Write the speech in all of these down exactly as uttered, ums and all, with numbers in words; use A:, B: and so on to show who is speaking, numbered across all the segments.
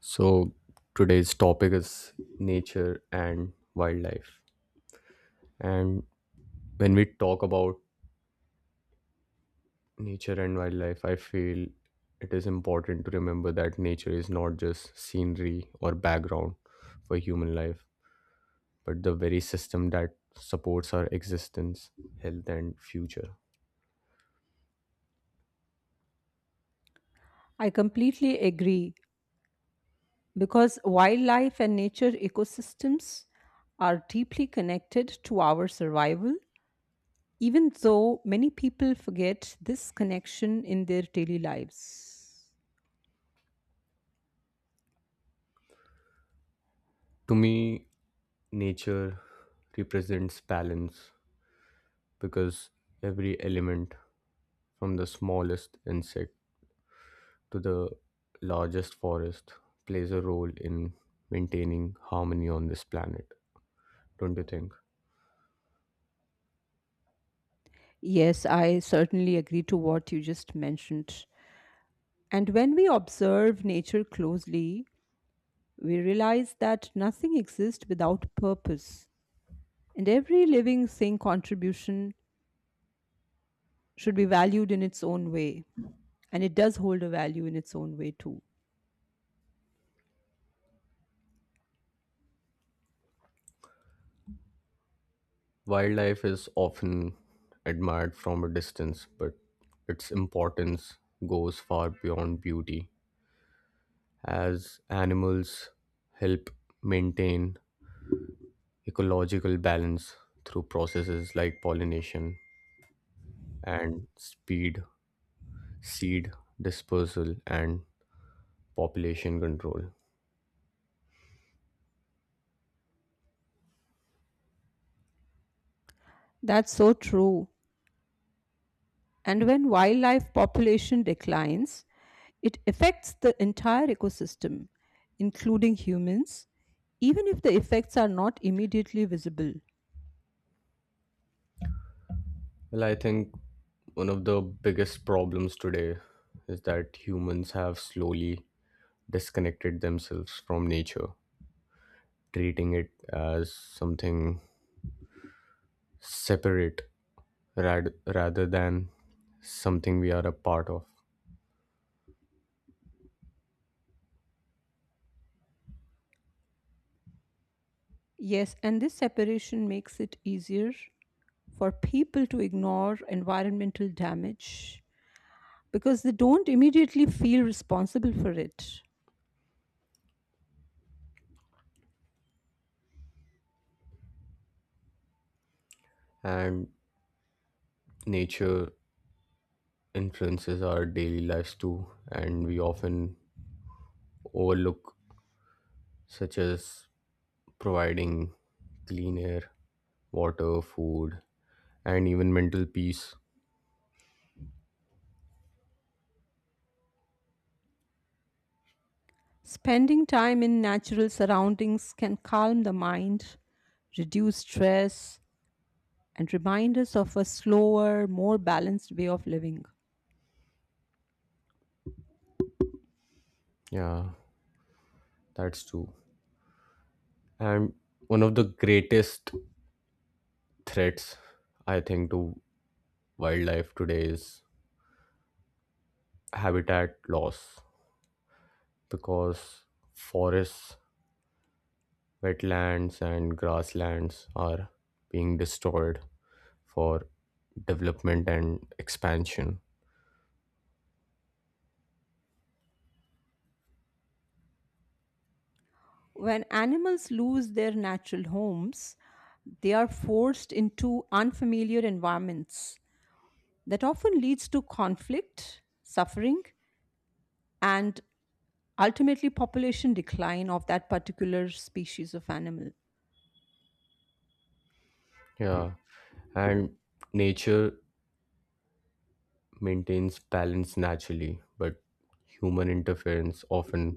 A: So, today's topic is nature and wildlife. And when we talk about nature and wildlife, I feel it is important to remember that nature is not just scenery or background for human life, but the very system that supports our existence, health, and future.
B: I completely agree because wildlife and nature ecosystems are deeply connected to our survival, even though many people forget this connection in their daily lives.
A: To me, nature represents balance because every element from the smallest insect to the largest forest plays a role in maintaining harmony on this planet, don't you think?
B: Yes, I certainly agree to what you just mentioned. And when we observe nature closely, we realize that nothing exists without purpose, and every living thing contribution should be valued in its own way. And it does hold a value in its own way too.
A: Wildlife is often admired from a distance, but its importance goes far beyond beauty, as animals help maintain ecological balance through processes like pollination and speed, seed dispersal, and population control.
B: That's so true. And when wildlife population declines, it affects the entire ecosystem, including humans, even if the effects are not immediately visible.
A: Well, I think one of the biggest problems today is that humans have slowly disconnected themselves from nature, treating it as something separate rad- rather than something we are a part of.
B: Yes, and this separation makes it easier for people to ignore environmental damage because they don't immediately feel responsible for it.
A: And nature influences our daily lives too, and we often overlook such as providing clean air, water, food, and even mental peace.
B: Spending time in natural surroundings can calm the mind, reduce stress, and remind us of a slower, more balanced way of living.
A: Yeah, that's true. And one of the greatest threats, I think, to wildlife today is habitat loss because forests, wetlands, and grasslands are being destroyed for development and expansion.
B: When animals lose their natural homes, they are forced into unfamiliar environments that often leads to conflict, suffering, and ultimately population decline of that particular species of animal.
A: Yeah, and nature maintains balance naturally, but human interference often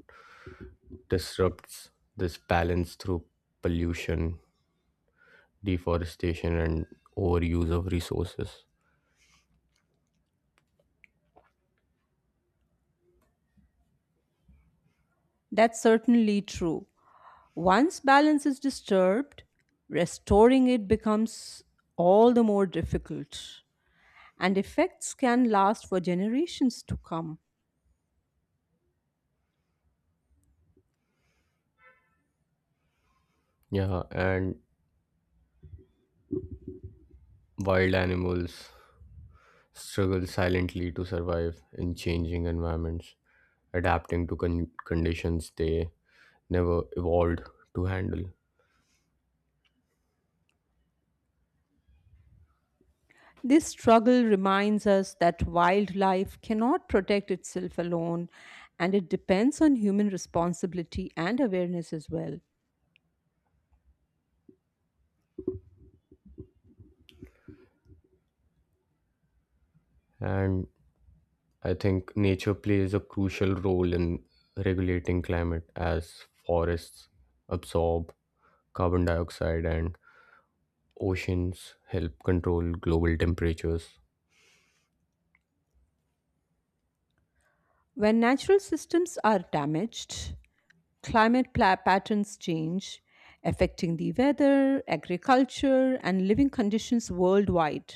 A: disrupts this balance through pollution deforestation and overuse of resources.
B: That's certainly true. Once balance is disturbed, restoring it becomes all the more difficult, and effects can last for generations to come.
A: Yeah, and wild animals struggle silently to survive in changing environments, adapting to con- conditions they never evolved to handle.
B: This struggle reminds us that wildlife cannot protect itself alone, and it depends on human responsibility and awareness as well.
A: And I think nature plays a crucial role in regulating climate as forests absorb carbon dioxide and oceans help control global temperatures.
B: When natural systems are damaged, climate pla- patterns change, affecting the weather, agriculture, and living conditions worldwide.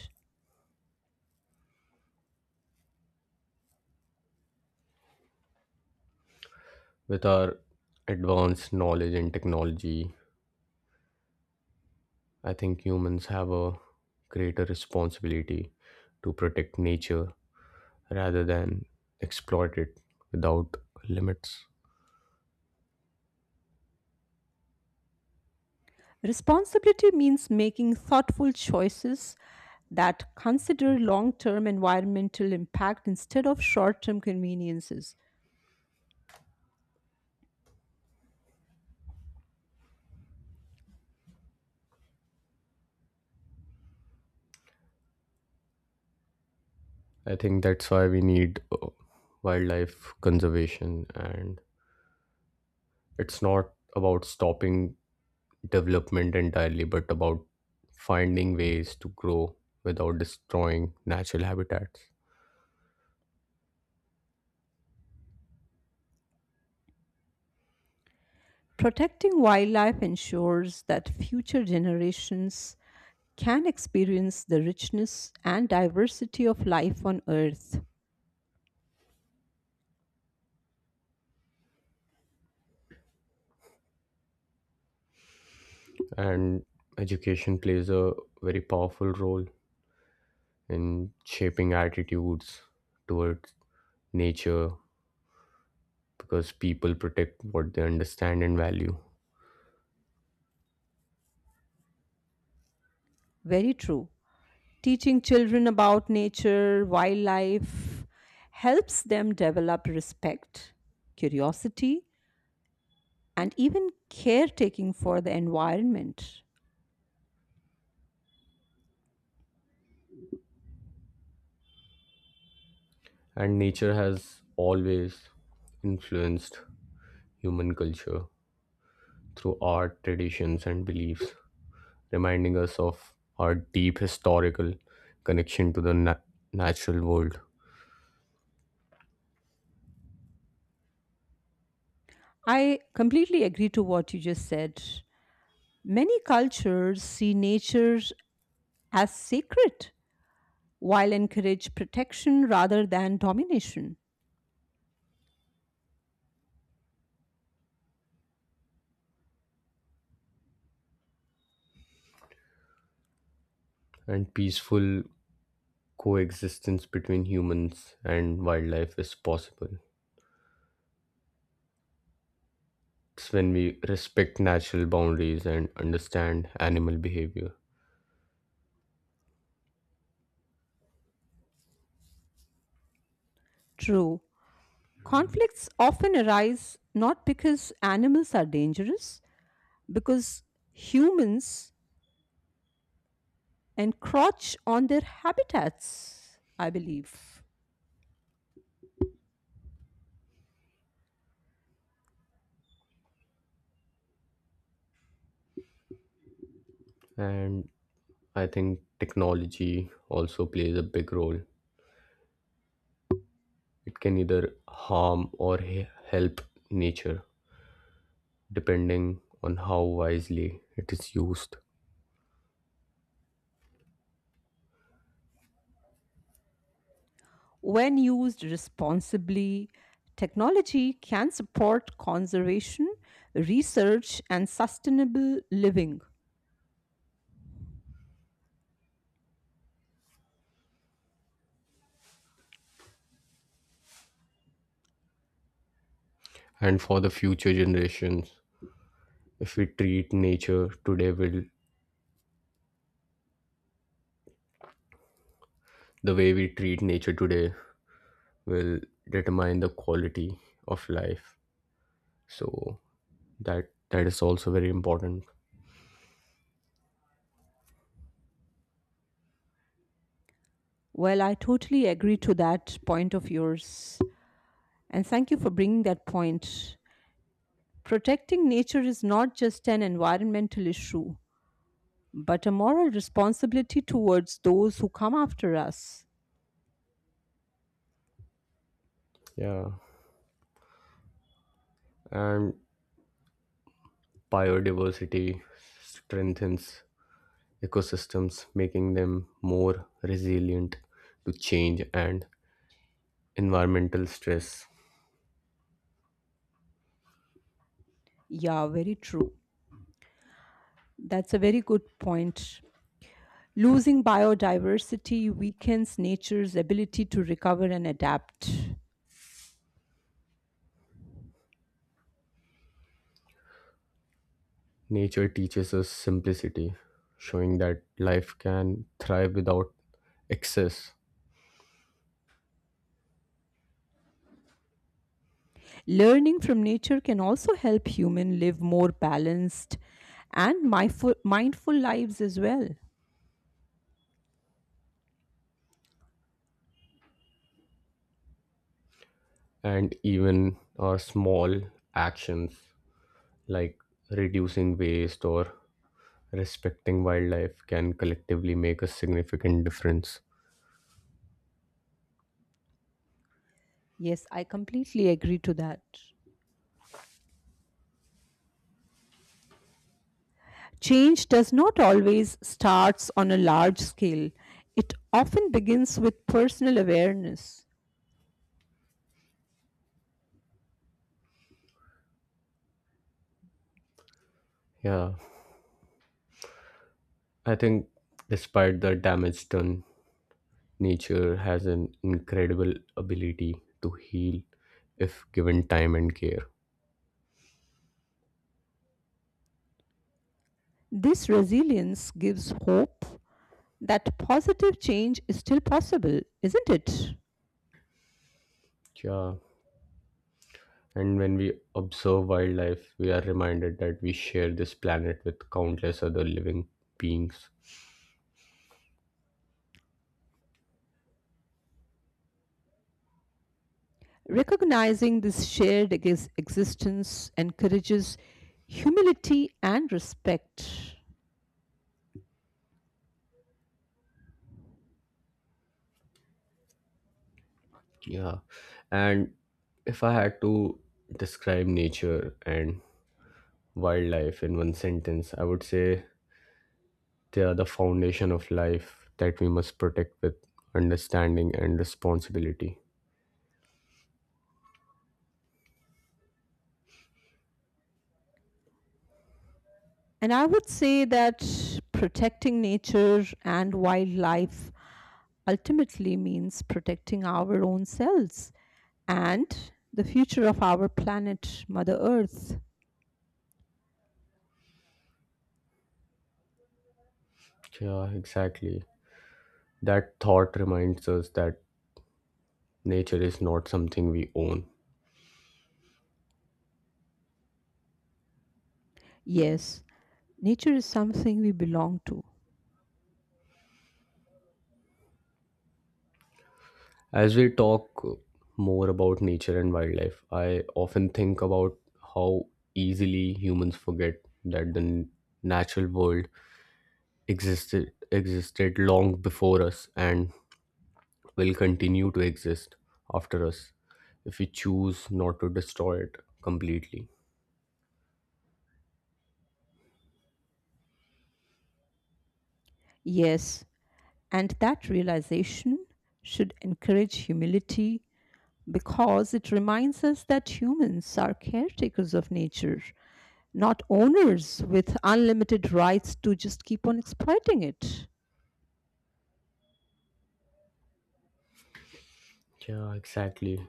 A: With our advanced knowledge and technology, I think humans have a greater responsibility to protect nature rather than exploit it without limits.
B: Responsibility means making thoughtful choices that consider long term environmental impact instead of short term conveniences.
A: I think that's why we need uh, wildlife conservation, and it's not about stopping development entirely, but about finding ways to grow without destroying natural habitats.
B: Protecting wildlife ensures that future generations can experience the richness and diversity of life on Earth.
A: And education plays a very powerful role in shaping attitudes towards nature because people protect what they understand and value.
B: Very true. Teaching children about nature, wildlife, helps them develop respect, curiosity, and even caretaking for the environment.
A: And nature has always influenced human culture through art, traditions, and beliefs, reminding us of our deep historical connection to the na- natural world.
B: I completely agree to what you just said. Many cultures see nature as sacred while encourage protection rather than domination.
A: And peaceful coexistence between humans and wildlife is possible. It's when we respect natural boundaries and understand animal behavior.
B: True, conflicts often arise not because animals are dangerous, because humans encroach on their habitats, I believe.
A: And I think technology also plays a big role. It can either harm or he- help nature, depending on how wisely it is used.
B: When used responsibly, technology can support conservation, research, and sustainable living.
A: And for the future generations, if we treat nature today, will the way we treat nature today will determine the quality of life. So that that is also very important.
B: Well, I totally agree to that point of yours. And thank you for bringing that point. Protecting nature is not just an environmental issue, but a moral responsibility towards those who come after us.
A: Yeah, and biodiversity strengthens ecosystems, making them more resilient to change and environmental stress.
B: Yeah, very true. That's a very good point. Losing biodiversity weakens nature's ability to recover and adapt.
A: Nature teaches us simplicity, showing that life can thrive without excess,
B: Learning from nature can also help humans live more balanced and mindful, mindful lives as well.
A: and even our small actions like reducing waste or respecting wildlife can collectively make a significant difference.
B: Yes, I completely agree to that. Change does not always starts on a large scale. It often begins with personal awareness.
A: Yeah, I think despite the damage done, nature has an incredible ability to heal if given time and care.
B: This resilience gives hope that positive change is still possible, isn't it?
A: Yeah. And when we observe wildlife, we are reminded that we share this planet with countless other living beings.
B: Recognizing this shared ex- existence encourages humility and respect.
A: Yeah. And if I had to describe nature and wildlife in one sentence, I would say they are the foundation of life that we must protect with understanding and responsibility.
B: And I would say that protecting nature and wildlife ultimately means protecting our own selves and the future of our planet, Mother Earth.
A: Yeah, exactly. That thought reminds us that nature is not something we own.
B: Yes, nature is something we belong to.
A: As we talk more about nature and wildlife, I often think about how easily humans forget that the n- natural world existed existed long before us and will continue to exist after us if we choose not to destroy it completely.
B: Yes, and that realization should encourage humility because it reminds us that humans are caretakers of nature, not owners with unlimited rights to just keep on exploiting it.
A: Yeah, exactly.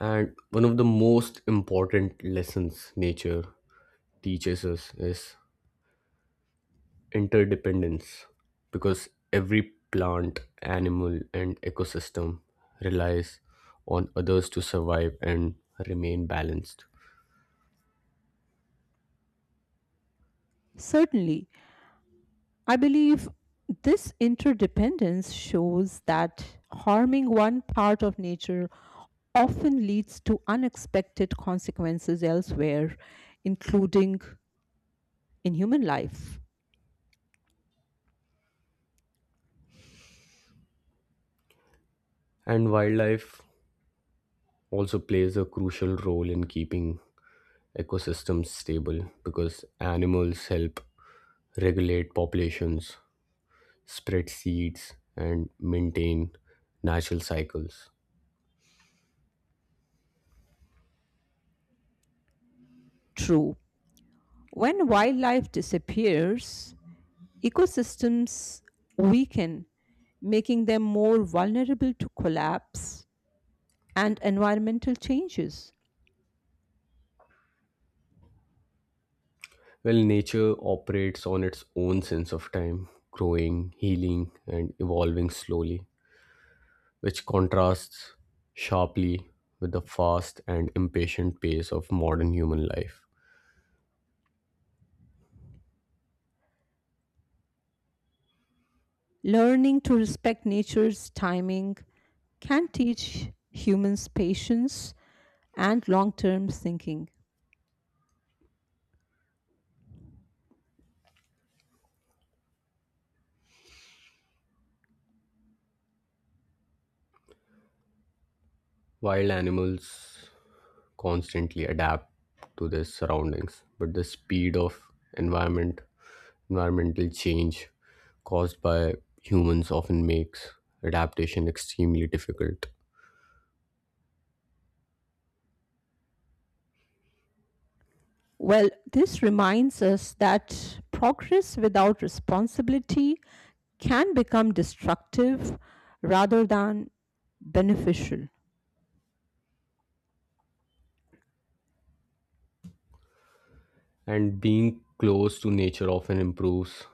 A: And one of the most important lessons nature teaches us is interdependence because every plant, animal, and ecosystem relies on others to survive and remain balanced.
B: Certainly, I believe this interdependence shows that harming one part of nature often leads to unexpected consequences elsewhere, including in human life.
A: And wildlife also plays a crucial role in keeping ecosystems stable because animals help regulate populations, spread seeds, and maintain natural cycles.
B: True. When wildlife disappears, ecosystems weaken, making them more vulnerable to collapse and environmental changes.
A: Well, nature operates on its own sense of time, growing, healing, and evolving slowly, which contrasts sharply with the fast and impatient pace of modern human life.
B: Learning to respect nature's timing can teach humans patience and long term thinking.
A: Wild animals constantly adapt to their surroundings, but the speed of environment, environmental change caused by humans often makes adaptation extremely difficult.
B: Well, this reminds us that progress without responsibility can become destructive rather than beneficial.
A: And being close to nature often improves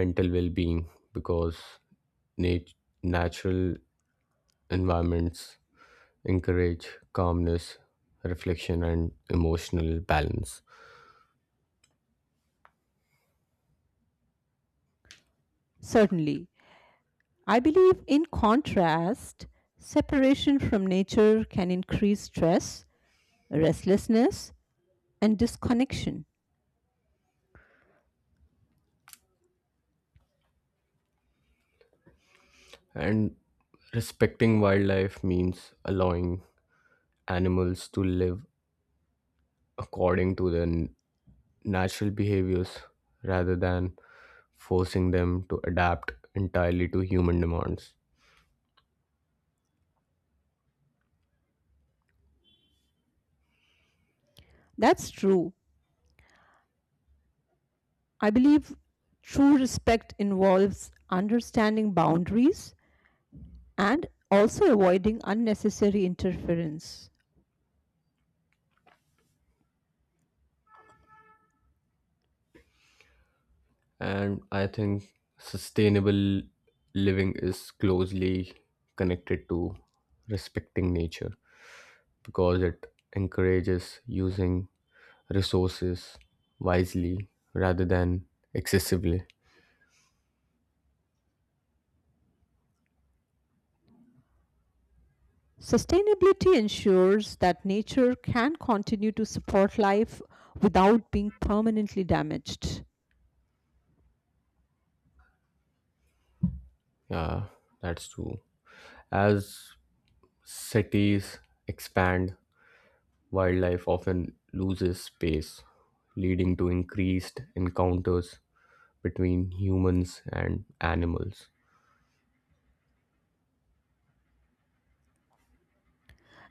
A: mental well-being because nat- natural environments encourage calmness reflection and emotional balance.
B: Certainly, I believe, in contrast, separation from nature can increase stress, restlessness, and disconnection.
A: And respecting wildlife means allowing animals to live according to their n- natural behaviors rather than forcing them to adapt entirely to human demands.
B: That's true. I believe true respect involves understanding boundaries and also avoiding unnecessary interference.
A: And I think sustainable living is closely connected to respecting nature because it encourages using resources wisely rather than excessively.
B: Sustainability ensures that nature can continue to support life without being permanently damaged.
A: Yeah, that's true. As cities expand, wildlife often loses space, leading to increased encounters between humans and animals.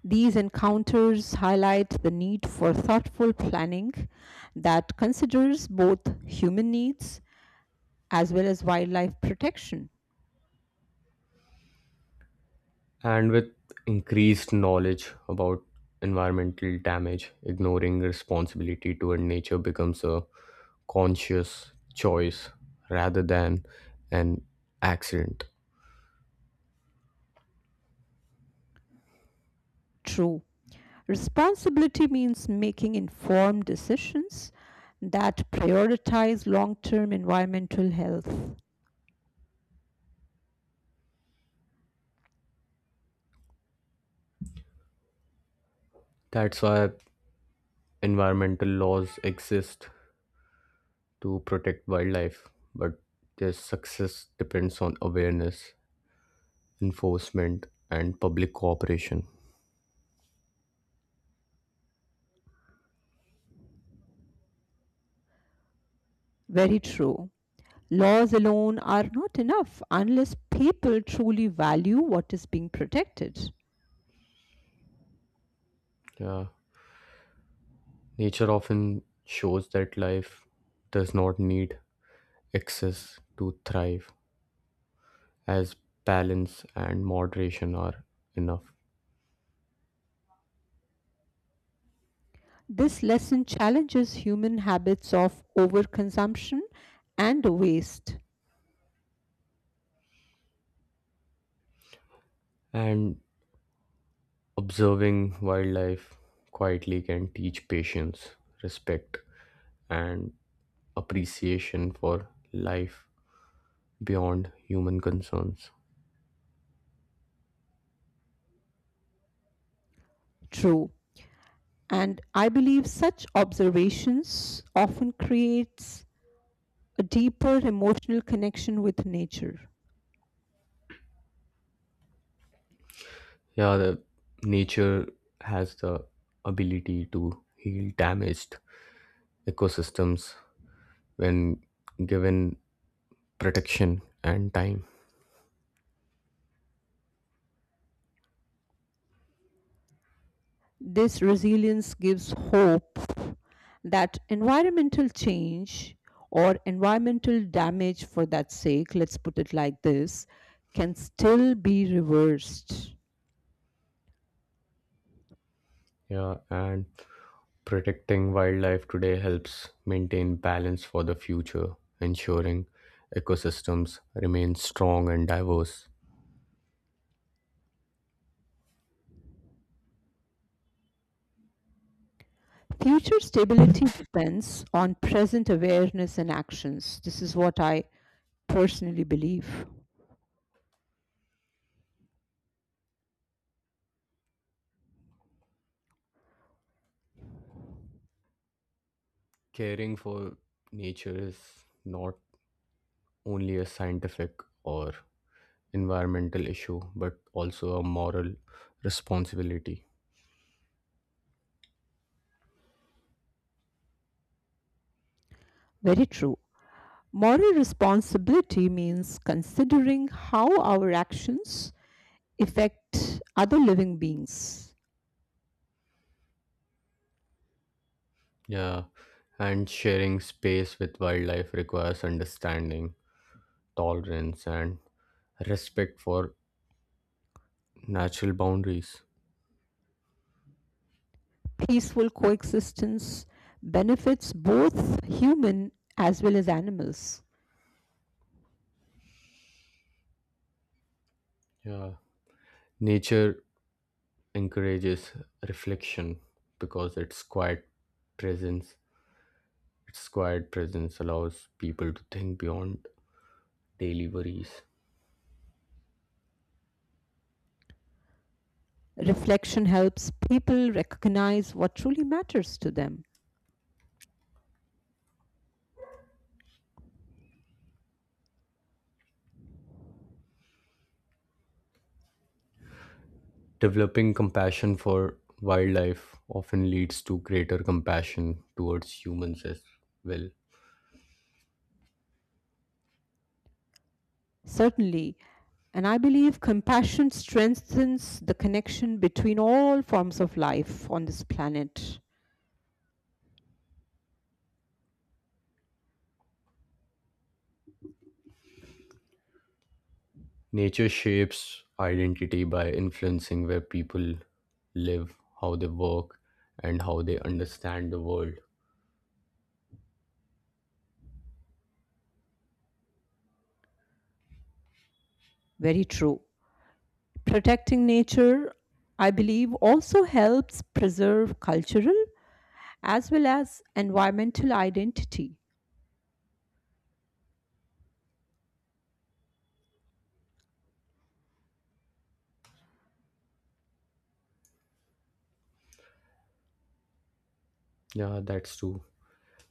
B: These encounters highlight the need for thoughtful planning that considers both human needs as well as wildlife protection.
A: And with increased knowledge about environmental damage, ignoring responsibility toward nature becomes a conscious choice rather than an accident.
B: True. Responsibility means making informed decisions that prioritize long term environmental health.
A: That's why environmental laws exist to protect wildlife, but their success depends on awareness, enforcement, and public cooperation.
B: Very true. Laws alone are not enough unless people truly value what is being protected.
A: Yeah, nature often shows that life does not need excess to thrive, as balance and moderation are enough.
B: This lesson challenges human habits of overconsumption and waste.
A: And observing wildlife quietly can teach patience, respect, and appreciation for life beyond human concerns.
B: True. And I believe such observations often creates a deeper emotional connection with nature.
A: Yeah, the nature has the ability to heal damaged ecosystems when given protection and time.
B: This resilience gives hope that environmental change or environmental damage for that sake, let's put it like this, can still be reversed.
A: Yeah, and protecting wildlife today helps maintain balance for the future, ensuring ecosystems remain strong and diverse.
B: Future stability depends on present awareness and actions. This is what I personally believe.
A: Caring for nature is not only a scientific or environmental issue, but also a moral responsibility.
B: Very true. Moral responsibility means considering how our actions affect other living beings.
A: Yeah, and sharing space with wildlife requires understanding, tolerance, and respect for natural boundaries.
B: Peaceful coexistence benefits both human as well as animals.
A: Yeah, nature encourages reflection because its quiet presence its quiet presence allows people to think beyond daily worries.
B: Reflection helps people recognize what truly matters to them.
A: Developing compassion for wildlife often leads to greater compassion towards humans as well.
B: Certainly. And I believe compassion strengthens the connection between all forms of life on this planet.
A: Nature shapes identity by influencing where people live, how they work, and how they understand the world.
B: Very true. Protecting nature, I believe, also helps preserve cultural as well as environmental identity.
A: Yeah, that's true.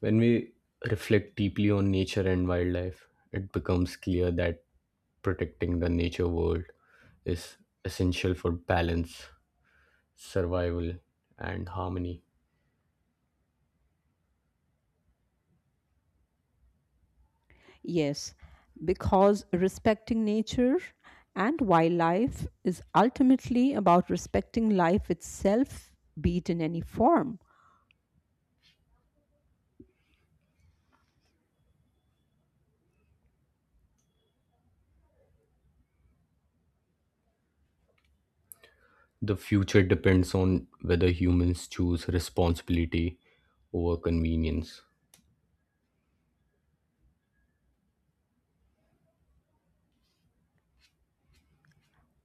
A: When we reflect deeply on nature and wildlife, it becomes clear that protecting the nature world is essential for balance, survival, and harmony.
B: Yes, because respecting nature and wildlife is ultimately about respecting life itself, be it in any form.
A: The future depends on whether humans choose responsibility over convenience.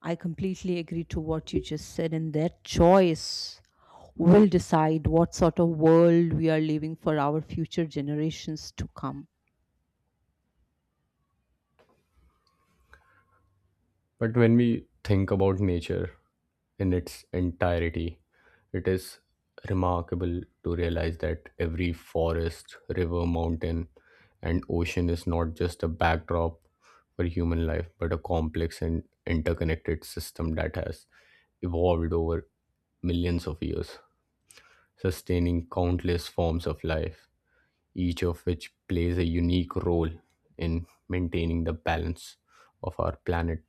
B: I completely agree to what you just said, and their choice will decide what sort of world we are leaving for our future generations to come.
A: But when we think about nature in its entirety, it is remarkable to realize that every forest, river, mountain, and ocean is not just a backdrop for human life, but a complex and interconnected system that has evolved over millions of years, sustaining countless forms of life, each of which plays a unique role in maintaining the balance of our planet.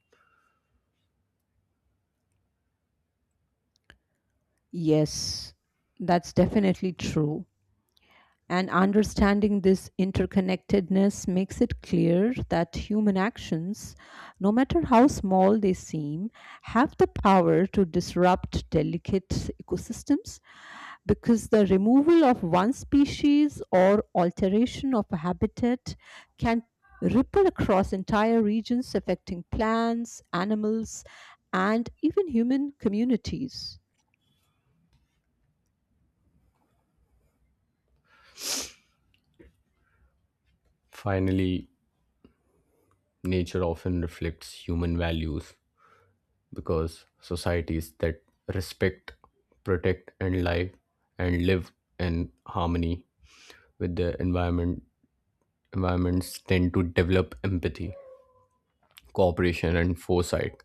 B: Yes, that's definitely true. And understanding this interconnectedness makes it clear that human actions, no matter how small they seem, have the power to disrupt delicate ecosystems because the removal of one species or alteration of a habitat can ripple across entire regions affecting plants, animals, and even human communities.
A: Finally, nature often reflects human values because societies that respect, protect, and live and live in harmony with their environment environments tend to develop empathy, cooperation, and foresight,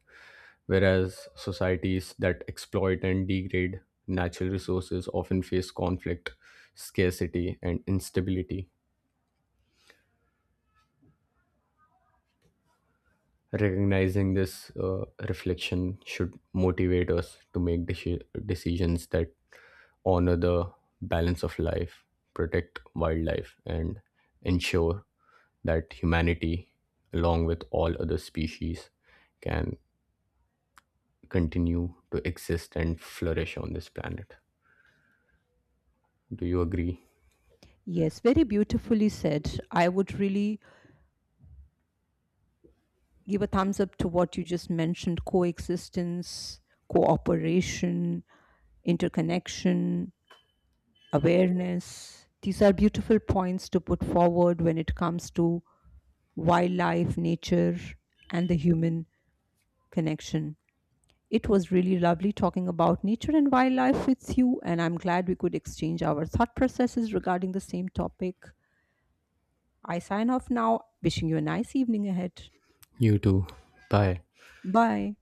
A: whereas societies that exploit and degrade natural resources often face conflict, scarcity, and instability. Recognizing this uh, reflection should motivate us to make deci- decisions that honor the balance of life, protect wildlife, and ensure that humanity, along with all other species, can continue to exist and flourish on this planet. Do you agree?
B: Yes, very beautifully said. I would really give a thumbs up to what you just mentioned coexistence, cooperation, interconnection, awareness. These are beautiful points to put forward when it comes to wildlife, nature, and the human connection. It was really lovely talking about nature and wildlife with you, and I'm glad we could exchange our thought processes regarding the same topic. I sign off now, wishing you a nice evening ahead.
A: You too. Bye.
B: Bye.